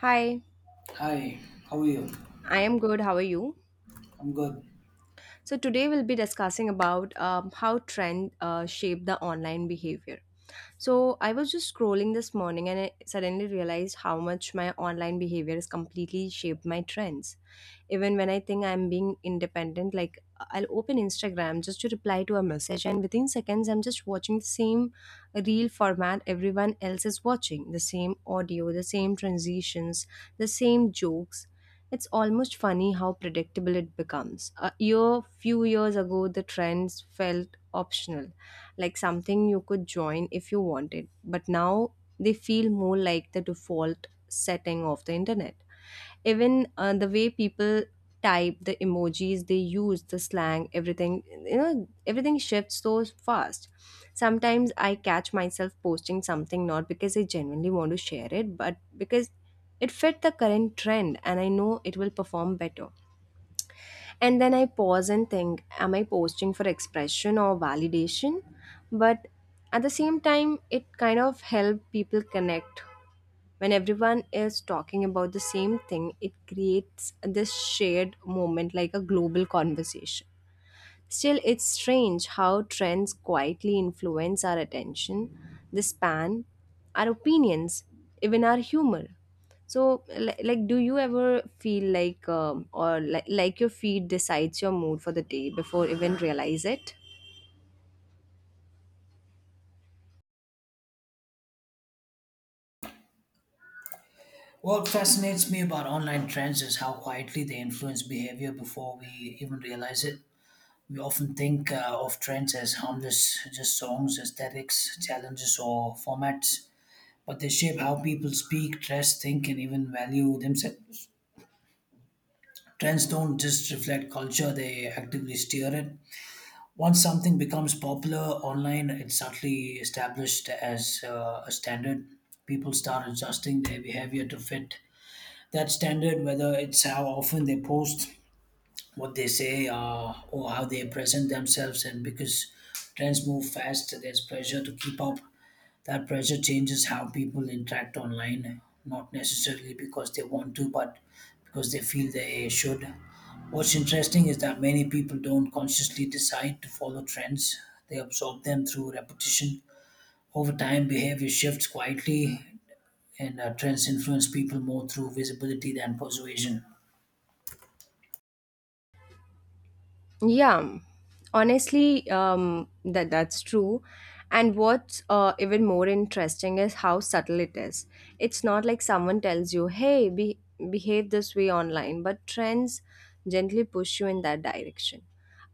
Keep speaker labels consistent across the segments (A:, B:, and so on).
A: Hi,
B: Hi, how are you?
A: I am good. How are you?
B: I'm good.
A: So today we'll be discussing about how trend shape the online behavior. So I was just scrolling this morning and I suddenly realized how much my online behavior has completely shaped my trends. Even when I think I'm being independent, like I'll open Instagram just to reply to a message and within seconds I'm just watching the same reel format, everyone else is watching, the same audio, the same transitions, the same jokes. It's almost funny how predictable it becomes. A year, few years ago, the trends felt optional, like something you could join if you wanted. But now they feel more like the default setting of the internet, even the way people type, the emojis they use, the slang, everything, everything shifts so fast. Sometimes I catch myself posting something not because I genuinely want to share it, but because it fit the current trend and I know it will perform better. And then I pause and think, am I posting for expression or validation? But at the same time, it kind of help people connect. When everyone is talking about the same thing, it creates this shared moment, like a global conversation. Still, it's strange how trends quietly influence our attention, the span, our opinions, even our humor. So like do you ever feel like, like your feed decides your mood for the day before even realize it?
B: What fascinates me about online trends is how quietly they influence behavior before we even realize it. We often think of trends as harmless, just songs, aesthetics, challenges, or formats, but they shape how people speak, dress, think, and even value themselves. Trends don't just reflect culture, they actively steer it. Once something becomes popular online, it's subtly established as a standard. People start adjusting their behavior to fit that standard, whether it's how often they post, what they say, or how they present themselves. And because trends move fast, there's pressure to keep up. That pressure changes how people interact online, not necessarily because they want to, but because they feel they should. What's interesting is that many people don't consciously decide to follow trends, they absorb them through repetition. Over time, behavior shifts quietly, and trends influence people more through visibility than persuasion.
A: Yeah, honestly, that's true. And what's even more interesting is how subtle it is. It's not like someone tells you, "Hey, behave this way online," but trends gently push you in that direction.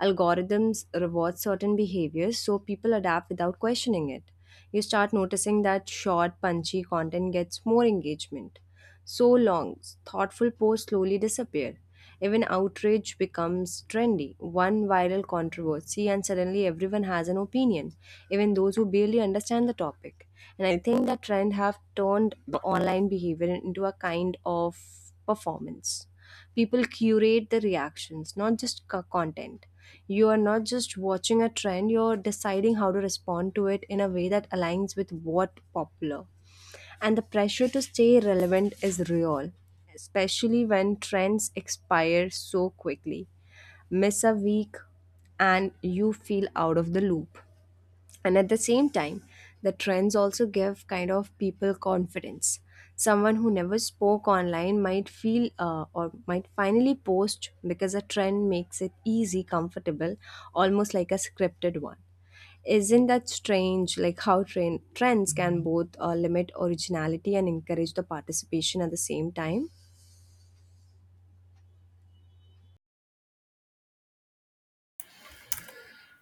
A: Algorithms reward certain behaviors, so people adapt without questioning it. You start noticing that short, punchy content gets more engagement. So long, thoughtful posts slowly disappear, even outrage becomes trendy. One viral controversy, and suddenly everyone has an opinion, even those who barely understand the topic. And I think that trend have turned the online behavior into a kind of performance. People curate the reactions, not just content. You are not just watching a trend, you're deciding how to respond to it in a way that aligns with what popular. And the pressure to stay relevant is real, especially when trends expire so quickly. Miss a week and you feel out of the loop. And at the same time, the trends also give kind of people confidence. Someone who never spoke online might feel, or might finally post because a trend makes it easy, comfortable, almost like a scripted one. Isn't that strange, like how train trends can both limit originality and encourage the participation at the same time?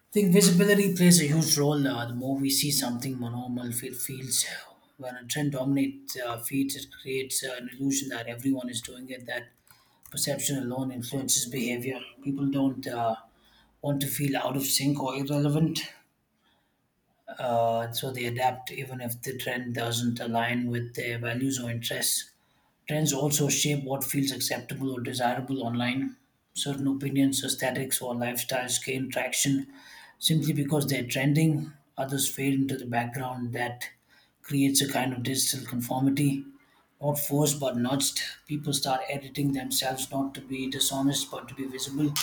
B: I think visibility plays a huge role. The more we see something, more normal it feels. When a trend dominates feeds, it creates an illusion that everyone is doing it. That perception alone influences behavior. People don't want to feel out of sync or irrelevant, so they adapt even if the trend doesn't align with their values or interests. Trends also shape what feels acceptable or desirable online. Certain opinions, aesthetics, or lifestyles gain traction simply because they're trending. Others fade into the background. That creates a kind of digital conformity, not forced but nudged. People start editing themselves not to be dishonest but to be visible.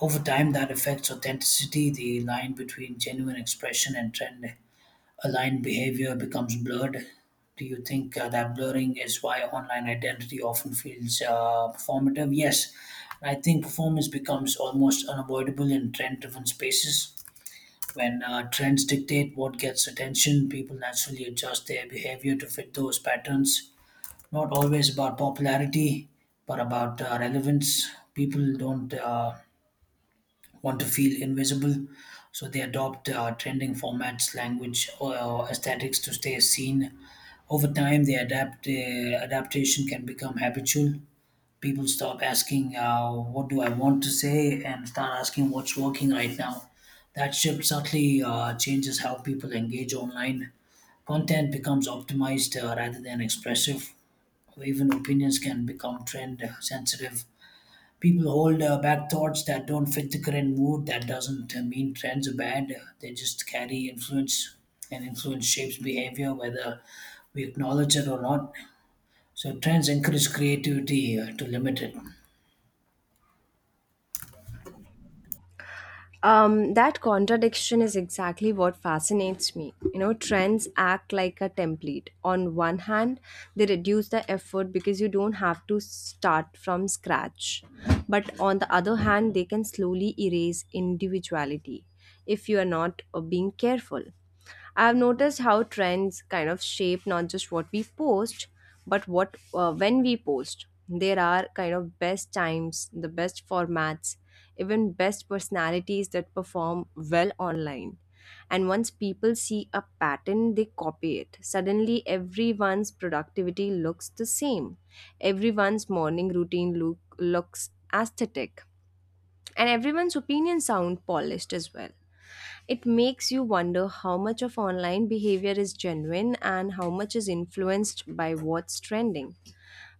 B: Over time, that affects authenticity. The line between genuine expression and trend aligned behavior becomes blurred. Do you think that blurring is why online identity often feels performative? Yes, I think performance becomes almost unavoidable in trend driven spaces. When trends dictate what gets attention, people naturally adjust their behavior to fit those patterns. Not always about popularity, but about relevance. People don't want to feel invisible, so they adopt trending formats, language, or aesthetics to stay seen. Over time, the adaptation can become habitual. People stop asking, what do I want to say? And start asking, what's working right now? That shift subtly changes how people engage online. Content becomes optimized rather than expressive, even opinions can become trend sensitive. People hold back thoughts that don't fit the current mood. That doesn't mean trends are bad, they just carry influence, and influence shapes behavior whether we acknowledge it or not. So, trends encourage creativity to limit it.
A: That contradiction is exactly what fascinates me. You know, trends act like a template. On one hand, they reduce the effort because you don't have to start from scratch. But on the other hand, they can slowly erase individuality if you are not being careful. I've noticed how trends kind of shape not just what we post, but what when we post. There are kind of best times, the best formats, even best personalities that perform well online. And once people see a pattern, they copy it. Suddenly, everyone's productivity looks the same. Everyone's morning looks aesthetic. And everyone's opinion sound polished as well. It makes you wonder how much of online behavior is genuine and how much is influenced by what's trending.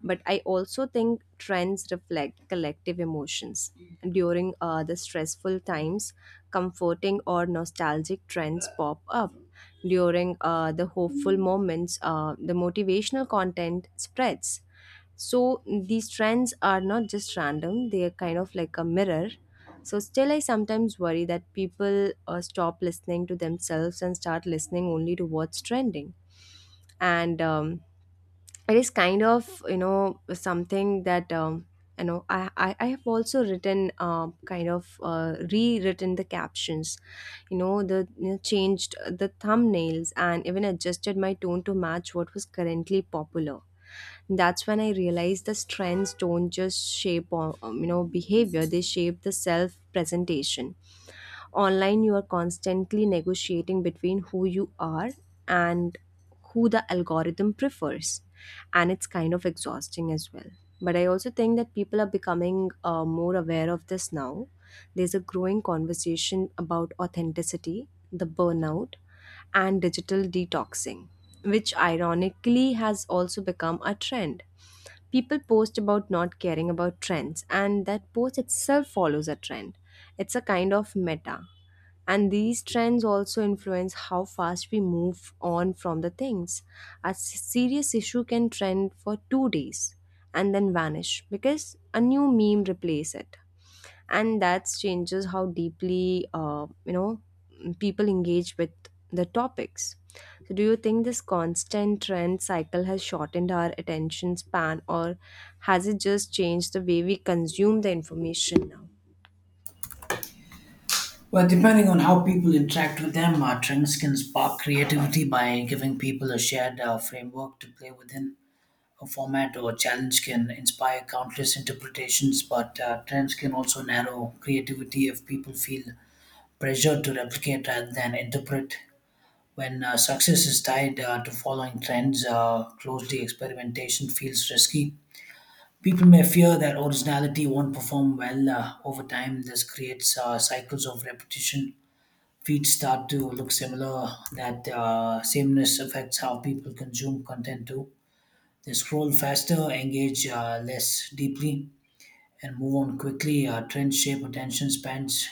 A: But I also think trends reflect collective emotions. During the stressful times, comforting or nostalgic trends pop up. During the hopeful moments, the motivational content spreads. So these trends are not just random, they are kind of like a mirror. So still, I sometimes worry that people stop listening to themselves and start listening only to what's trending. And it is kind of, you know, something that, you know I, I have also written kind of rewritten the captions, you know, changed the thumbnails and even adjusted my tone to match what was currently popular. That's when I realized the trends don't just shape or, you know, behavior, they shape the self presentation. Online, you are constantly negotiating between who you are and who the algorithm prefers. And it's kind of exhausting as well. But I also think that people are becoming more aware of this now. There's a growing conversation about authenticity, the burnout, and digital detoxing, which ironically has also become a trend. People post about not caring about trends and that post itself follows a trend. It's a kind of meta. And these trends also influence how fast we move on from the things. A serious issue can trend for 2 days and then vanish because a new meme replaces it. And that changes how deeply, people engage with the topics. So, do you think this constant trend cycle has shortened our attention span, or has it just changed the way we consume the information now?
B: Well, depending on how people interact with them, trends can spark creativity by giving people a shared framework to play within. A format or a challenge can inspire countless interpretations, but trends can also narrow creativity if people feel pressure to replicate rather than interpret. When success is tied to following trends, closely experimentation feels risky. People may fear that originality won't perform well over time. This creates cycles of repetition, feeds start to look similar. That sameness affects how people consume content too. They scroll faster, engage less deeply, and move on quickly. Trends shape attention spans.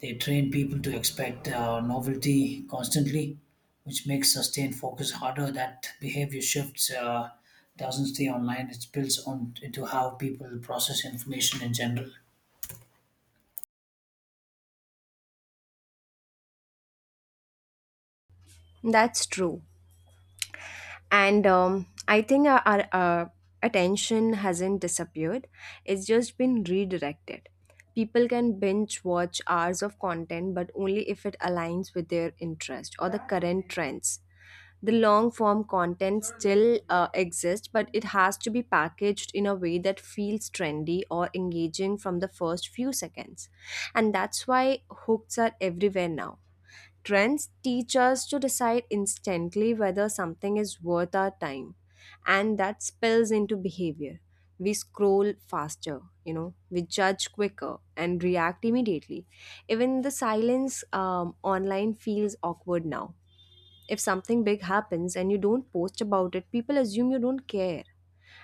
B: They train people to expect novelty constantly, which makes sustained focus harder. That behavior shifts. Doesn't stay online. It spills on into how people process information in general.
A: That's true. And I think our attention hasn't disappeared, it's just been redirected. People can binge watch hours of content, but only if it aligns with their interest or the current trends. The long form content still exists, but it has to be packaged in a way that feels trendy or engaging from the first few seconds. And that's why hooks are everywhere now. Trends teach us to decide instantly whether something is worth our time, and that spills into behavior. We scroll faster, you know, we judge quicker and react immediately. Even the silence online feels awkward now. If something big happens and you don't post about it, people assume you don't care,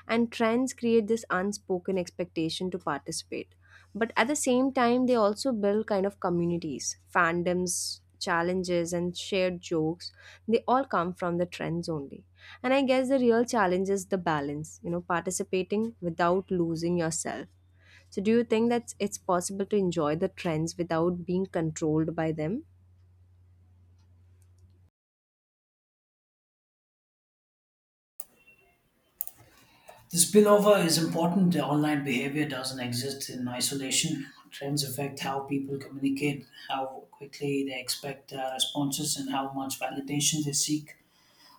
A: and trends create this unspoken expectation to participate. But at the same time, they also build kind of communities, fandoms, challenges, and shared jokes. They all come from the trends only. And I guess the real challenge is the balance, you know, participating without losing yourself. So do you think that it's possible to enjoy the trends without being controlled by them?
B: The spillover is important. The online behavior doesn't exist in isolation. Trends affect how people communicate, how quickly they expect responses, and how much validation they seek.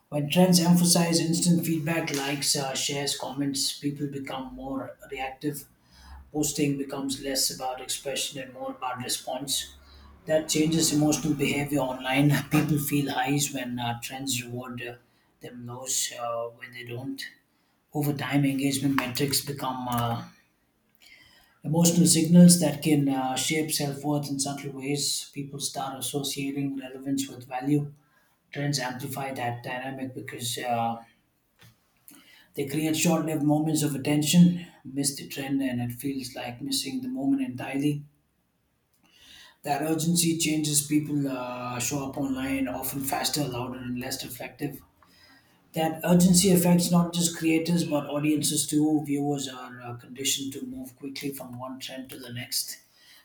B: When trends emphasize instant feedback, likes, shares, comments, people become more reactive. Posting becomes less about expression and more about response. That changes emotional behavior online. People feel highs when trends reward them, lows when they don't. Over time, engagement metrics become emotional signals that can shape self worth in subtle ways. People start associating relevance with value. Trends amplify that dynamic because they create short lived moments of attention, miss the trend, and it feels like missing the moment entirely. That urgency changes people show up online often faster, louder, and less reflective. That urgency affects not just creators but audiences too. Viewers are conditioned to move quickly from one trend to the next.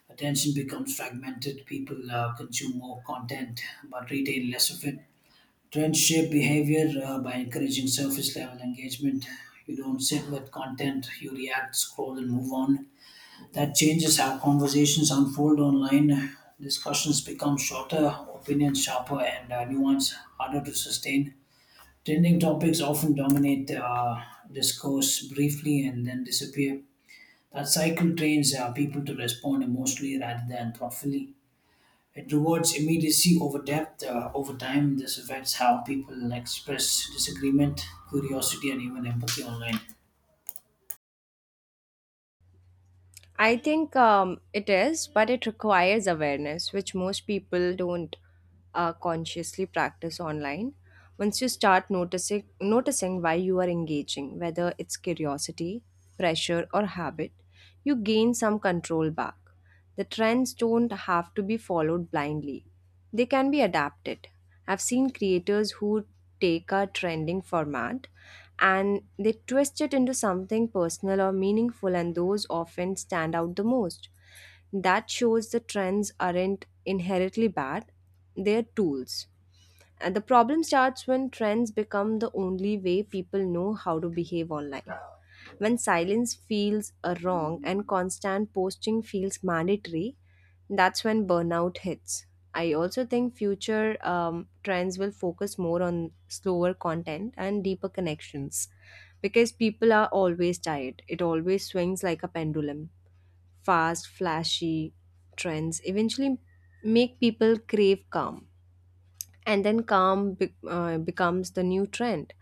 B: Attention becomes fragmented. People consume more content but retain less of it. Trends shape behavior by encouraging surface level engagement. You don't sit with content, you react, scroll, and move on. That changes how conversations unfold online. Discussions become shorter, opinions sharper, and nuance harder to sustain. Trending topics often dominate discourse briefly and then disappear. That cycle trains people to respond emotionally rather than thoughtfully. It rewards immediacy over depth. Over time, this affects how people express disagreement, curiosity, and even empathy online.
A: I think it is, but it requires awareness, which most people don't consciously practice online. Once you start noticing why you are engaging, whether it's curiosity, pressure, or habit, you gain some control back. The trends don't have to be followed blindly; they can be adapted. I've seen creators who take a trending format and they twist it into something personal or meaningful, and those often stand out the most. That shows the trends aren't inherently bad, they're tools. And the problem starts when trends become the only way people know how to behave online. When silence feels a wrong and constant posting feels mandatory, that's when burnout hits. I also think future trends will focus more on slower content and deeper connections, because people are always tired. It always swings like a pendulum. Fast, flashy trends eventually make people crave calm, and then calm becomes the new trend.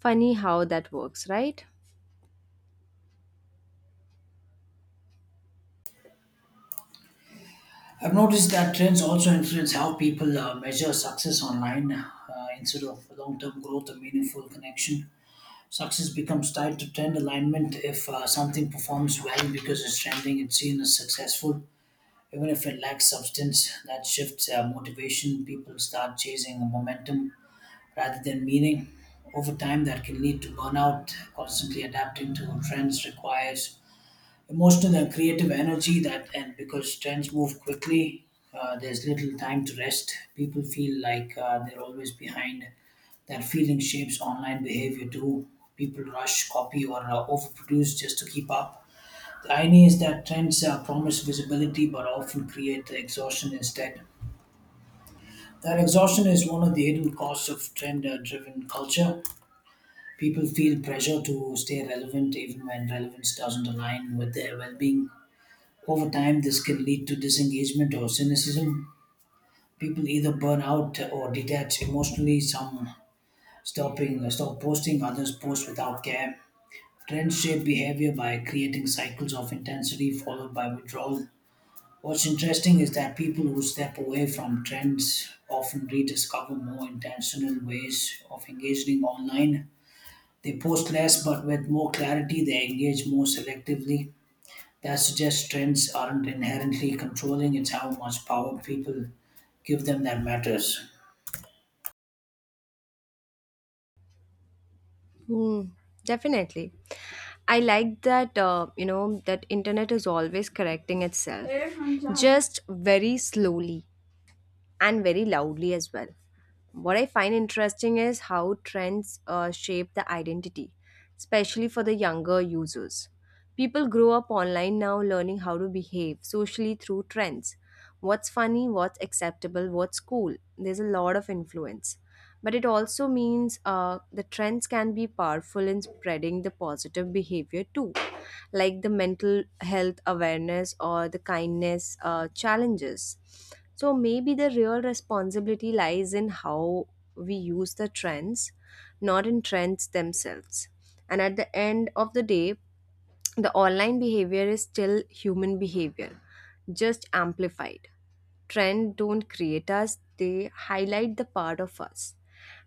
A: Funny how that works, right?
B: I've noticed that trends also influence how people measure success online instead of long term growth or meaningful connection. Success becomes tied to trend alignment. If something performs well because it's trending, it's seen as successful. Even if it lacks substance, that shifts motivation. People start chasing the momentum rather than meaning. Over time, that can lead to burnout. Constantly adapting to trends requires emotional and creative energy, that and because trends move quickly, there's little time to rest. People feel like they're always behind. That feeling shapes online behavior too. People rush, copy, or overproduce just to keep up. The irony is that trends promise visibility but often create exhaustion instead. That exhaustion is one of the hidden costs of trend driven culture. People feel pressure to stay relevant even when relevance doesn't align with their well-being. Over time, this can lead to disengagement or cynicism. People either burn out or detach emotionally. Some stop posting, others post without care. Trends shape behavior by creating cycles of intensity followed by withdrawal. What's interesting is that people who step away from trends often rediscover more intentional ways of engaging online. They post less, but with more clarity, they engage more selectively. That suggests trends aren't inherently controlling, it's how much power people give them that matters.
A: Hmm, definitely. I like that, that internet is always correcting itself, just very slowly, and very loudly as well. What I find interesting is how trends shape the identity, especially for the younger users. People grow up online now learning how to behave socially through trends. What's funny, what's acceptable, what's cool. There's a lot of influence. But it also means the trends can be powerful in spreading the positive behavior too, like the mental health awareness or the kindness challenges. So maybe the real responsibility lies in how we use the trends, not in trends themselves. And at the end of the day, the online behavior is still human behavior, just amplified. Trend don't create us, they highlight the part of us.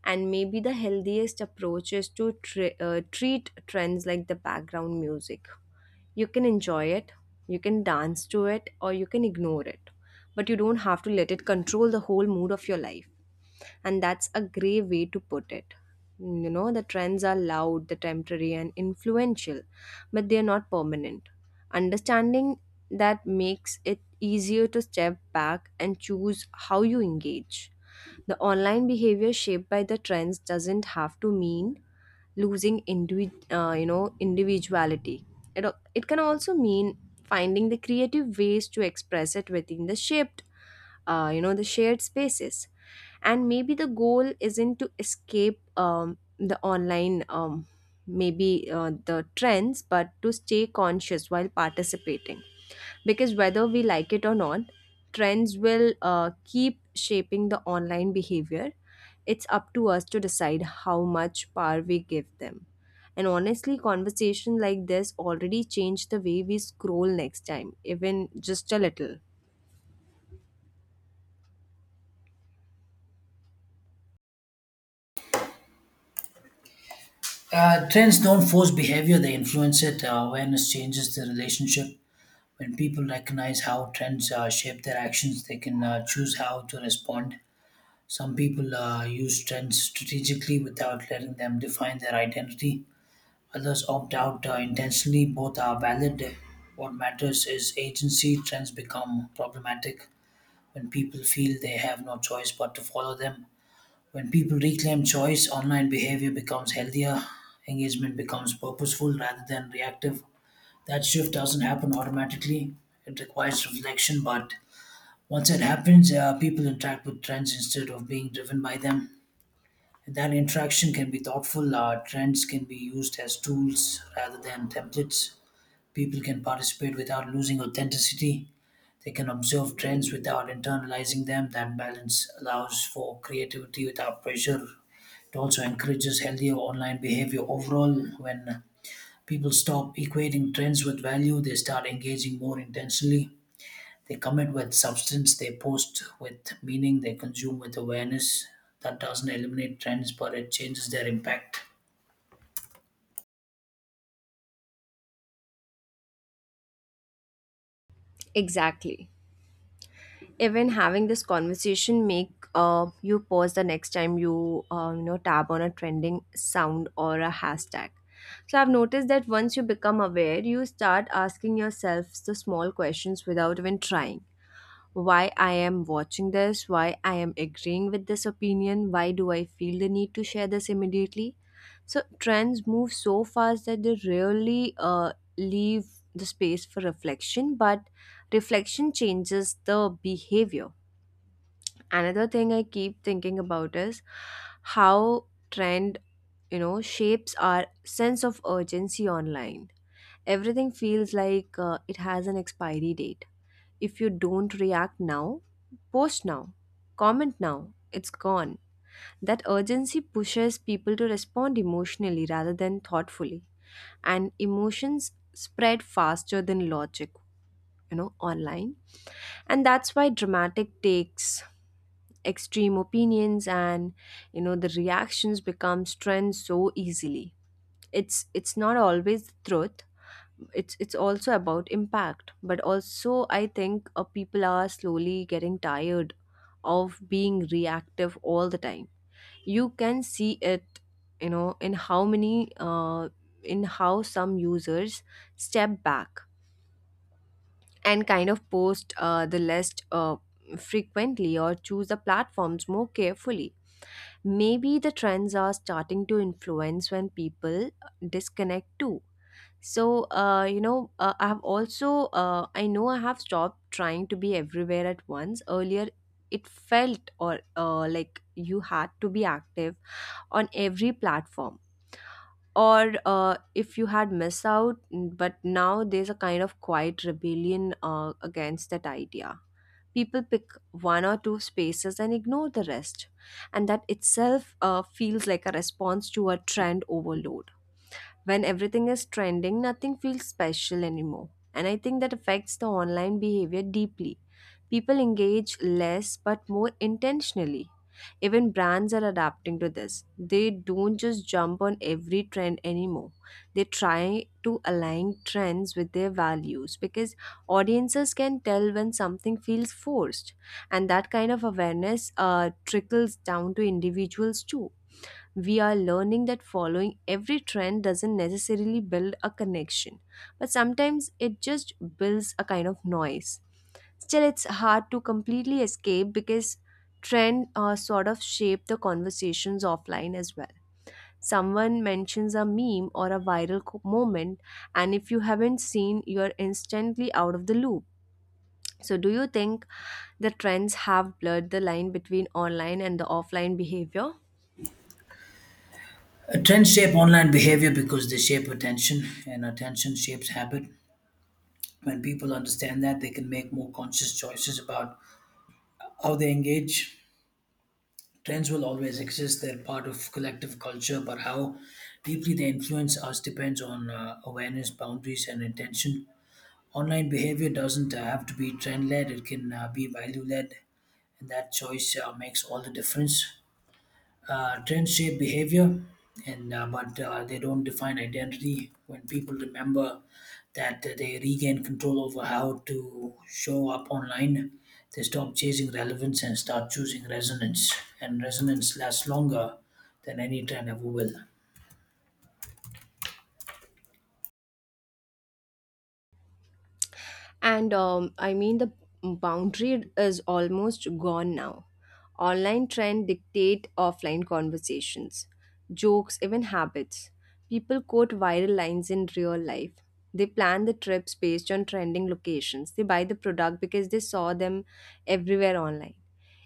A: And maybe the healthiest approach is to treat trends like the background music. You can enjoy it, you can dance to it, or you can ignore it. But you don't have to let it control the whole mood of your life. And that's a grey way to put it. You know, the trends are loud, the temporary, and influential, but they are not permanent. Understanding that makes it easier to step back and choose how you engage. The online behavior shaped by the trends doesn't have to mean losing individuality. It can also mean finding the creative ways to express it within the shaped, the shared spaces. And maybe the goal isn't to escape, the online maybe the trends, but to stay conscious while participating. Because whether we like it or not, trends will keep shaping the online behavior. It's up to us to decide how much power we give them. And honestly, conversation like this already changed the way we scroll next time, even just a little.
B: Trends don't force behavior, they influence it. Awareness changes the relationship. When people recognize how trends shape their actions, they can choose how to respond. Some people use trends strategically without letting them define their identity. Others opt out intentionally. Both are valid. What matters is agency. Trends become problematic when people feel they have no choice but to follow them. When people reclaim choice, online behavior becomes healthier, engagement becomes purposeful rather than reactive. That shift doesn't happen automatically, it requires reflection, but once it happens, people interact with trends instead of being driven by them. And that interaction can be thoughtful. Trends can be used as tools rather than templates. People can participate without losing authenticity, they can observe trends without internalizing them. That balance allows for creativity without pressure. It also encourages healthier online behavior overall. When people stop equating trends with value, they start engaging more intentionally. They commit with substance, they post with meaning, they consume with awareness. That doesn't eliminate trends, but it changes their impact.
A: Exactly. Even having this conversation make you pause the next time you you know tab on a trending sound or a hashtag. So I've noticed that once you become aware you start asking yourself the small questions without even trying. Why I am watching this, why I am agreeing with this opinion, why do I feel the need to share this immediately? So trends move so fast that they rarely leave the space for reflection, but reflection changes the behavior. Another thing I keep thinking about is how trend, shapes our sense of urgency online. Everything feels like it has an expiry date. If you don't react now, post now, comment now, it's gone. That urgency pushes people to respond emotionally rather than thoughtfully. And emotions spread faster than logic, online. And that's why dramatic takes, extreme opinions and the reactions become trends so easily. It's not always the truth, it's also about impact. But also I think people are slowly getting tired of being reactive all the time. You can see it, in how some users step back and kind of post the list frequently, or choose the platforms more carefully. Maybe the trends are starting to influence when people disconnect too. So I have also I know I have stopped trying to be everywhere at once earlier. It felt or like you had to be active on every platform, or if you had missed out. But now there's a kind of quiet rebellion against that idea. People pick one or two spaces and ignore the rest, and that itself feels like a response to a trend overload. When everything is trending, nothing feels special anymore. And I think that affects the online behavior deeply. People engage less but more intentionally. Even brands are adapting to this. They don't just jump on every trend anymore. They try to align trends with their values because audiences can tell when something feels forced. And that kind of awareness trickles down to individuals too. We are learning that following every trend doesn't necessarily build a connection, but sometimes it just builds a kind of noise. Still, it's hard to completely escape because trend sort of shape the conversations offline as well. Someone mentions a meme or a viral moment, and if you haven't seen, you're instantly out of the loop. So, do you think the trends have blurred the line between online and the offline behavior?
B: Trends shape online behavior because they shape attention, and attention shapes habit. When people understand that, they can make more conscious choices about how they engage. Trends will always exist, they're part of collective culture, but how deeply they influence us depends on awareness, boundaries, and intention. Online behavior doesn't have to be trend led, it can be value led, and that choice makes all the difference. Trends shape behavior, and but they don't define identity. When people remember that, they regain control over how to show up online. They stop chasing relevance and start choosing resonance, and resonance lasts longer than any trend ever will.
A: And I mean, the boundary is almost gone now. Online trend dictate offline conversations, jokes, even habits. People quote viral lines in real life. They plan the trips based on trending locations. They buy the product because they saw them everywhere online.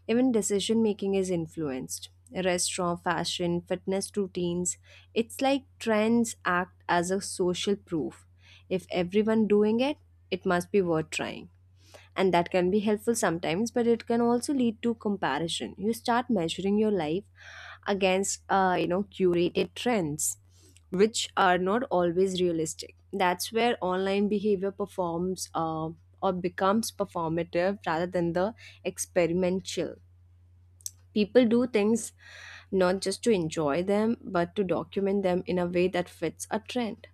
A: Even decision making is influenced. Restaurant, fashion, fitness routines. It's like trends act as a social proof. If everyone doing it, it must be worth trying. And that can be helpful sometimes, but it can also lead to comparison. You start measuring your life against curated trends, which are not always realistic. That's where online behavior performs or becomes performative rather than the experimental. People do things not just to enjoy them but to document them in a way that fits a trend.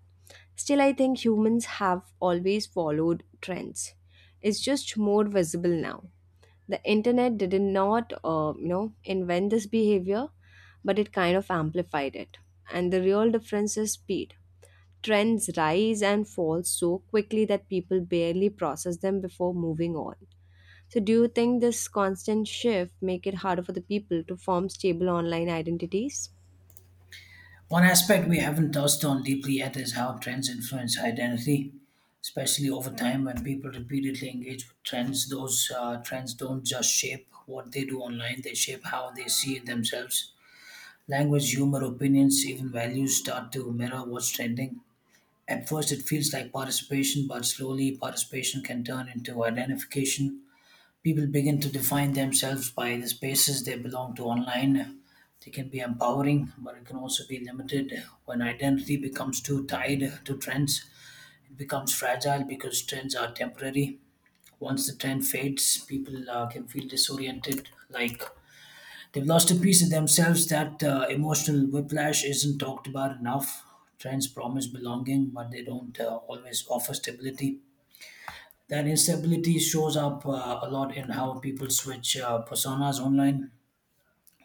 A: Still, I think humans have always followed trends. It's just more visible now. The internet did not, invent this behavior, but it kind of amplified it. And the real difference is speed. Trends rise and fall so quickly that people barely process them before moving on. So, do you think this constant shift make it harder for the people to form stable online identities?
B: One aspect we haven't touched on deeply yet is how trends influence identity, especially over time. When people repeatedly engage with trends, those trends don't just shape what they do online, they shape how they see themselves. Language, humor, opinions, even values start to mirror what's trending. At first, it feels like participation, but slowly, participation can turn into identification. People begin to define themselves by the spaces they belong to online. They can be empowering, but it can also be limited. When identity becomes too tied to trends, it becomes fragile because trends are temporary. Once the trend fades, people can feel disoriented, like they've lost a piece of themselves. That emotional whiplash isn't talked about enough. Trends promise belonging, but they don't always offer stability. That instability shows up a lot in how people switch personas online.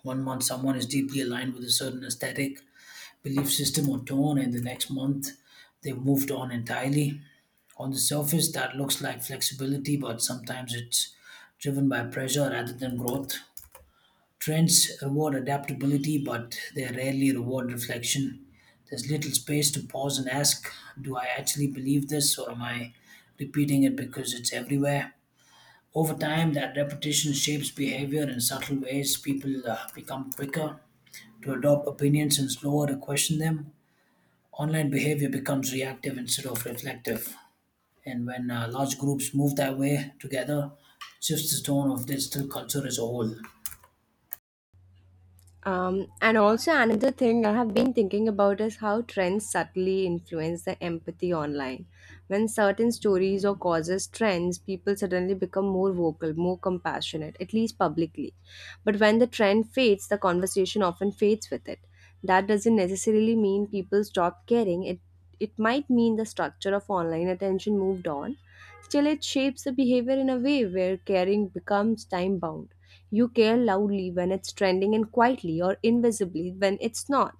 B: One month, someone is deeply aligned with a certain aesthetic, belief system, or tone, and the next month, they've moved on entirely. On the surface, that looks like flexibility, but sometimes it's driven by pressure rather than growth. Trends reward adaptability, but they rarely reward reflection. There's little space to pause and ask, do I actually believe this, or am I repeating it because it's everywhere? Over time, that repetition shapes behavior in subtle ways. People become quicker to adopt opinions and slower to question them. Online behavior becomes reactive instead of reflective. And when large groups move that way together, shifts the tone of digital culture as a whole.
A: And also another thing I have been thinking about is how trends subtly influence the empathy online. When certain stories or causes trends, people suddenly become more vocal, more compassionate, at least publicly. But when the trend fades, the conversation often fades with it. That doesn't necessarily mean people stop caring. It might mean the structure of online attention moved on. Still, it shapes the behavior in a way where caring becomes time bound. You care loudly when it's trending and quietly or invisibly when it's not.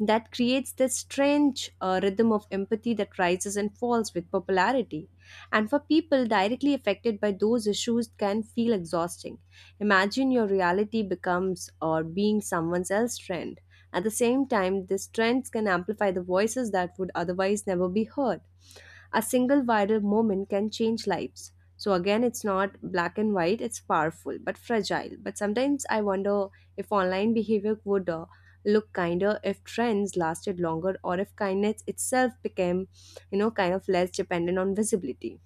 A: That creates this strange rhythm of empathy that rises and falls with popularity. And for people directly affected by those issues, it can feel exhausting. Imagine your reality becomes or being someone else's trend. At the same time, these trends can amplify the voices that would otherwise never be heard. A single viral moment can change lives. So again, it's not black and white, it's powerful but fragile. But sometimes I wonder if online behavior would look kinder if trends lasted longer, or if kindness itself became, kind of less dependent on visibility.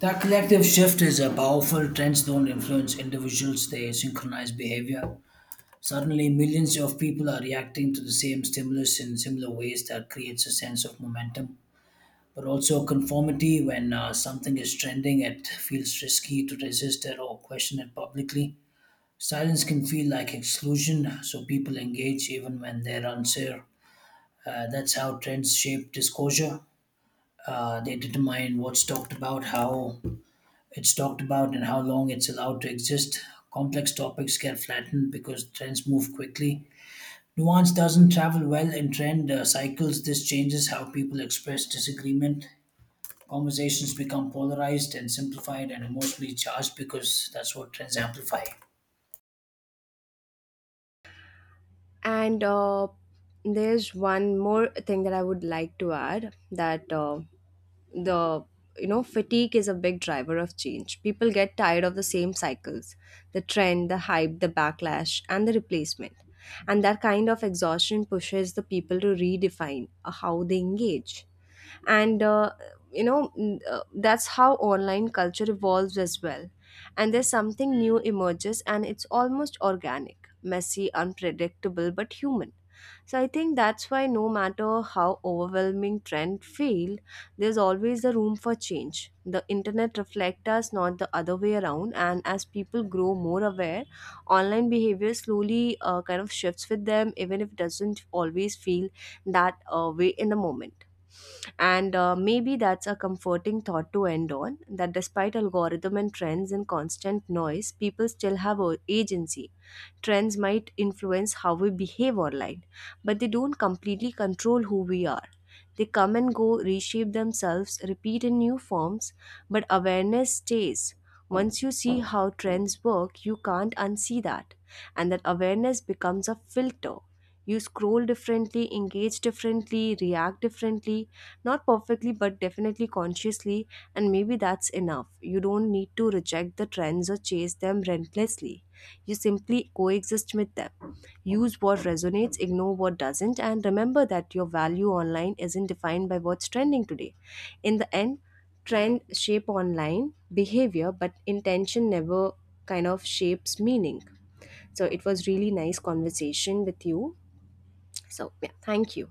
B: That collective shift is a powerful. Trends don't influence individuals, they synchronize behavior. Suddenly, millions of people are reacting to the same stimulus in similar ways that creates a sense of momentum. But also, conformity. When something is trending, it feels risky to resist it or question it publicly. Silence can feel like exclusion, so people engage even when they're unsure. That's how trends shape disclosure. They determine what's talked about, how it's talked about, and how long it's allowed to exist. Complex topics get flattened because trends move quickly. Nuance doesn't travel well in trend cycles. This changes how people express disagreement. Conversations become polarized and simplified and emotionally charged because that's what trends amplify.
A: And there's one more thing that I would like to add, that the you know fatigue is a big driver of change. People get tired of the same cycles, the trend, the hype, the backlash and the replacement. And that kind of exhaustion pushes the people to redefine how they engage. And that's how online culture evolves as well, and there's something new emerges and it's almost organic, messy, unpredictable, but human. So I think that's why no matter how overwhelming trend feel, there's always a room for change. The internet reflects us, not the other way around. And as people grow more aware, online behavior slowly kind of shifts with them, even if it doesn't always feel that way in the moment. And maybe that's a comforting thought to end on. That despite algorithm and trends and constant noise, people still have agency. Trends might influence how we behave online, but they don't completely control who we are. They come and go, reshape themselves, repeat in new forms, but awareness stays. Once you see how trends work, you can't unsee that. And that awareness becomes a filter. You scroll differently, engage differently, react differently, not perfectly, but definitely consciously, and maybe that's enough. You don't need to reject the trends or chase them relentlessly. You simply coexist with them. Use what resonates, ignore what doesn't, and remember that your value online isn't defined by what's trending today. In the end, trend shape online behavior, but intention never kind of shapes meaning. So it was really nice conversation with you. So yeah, thank you.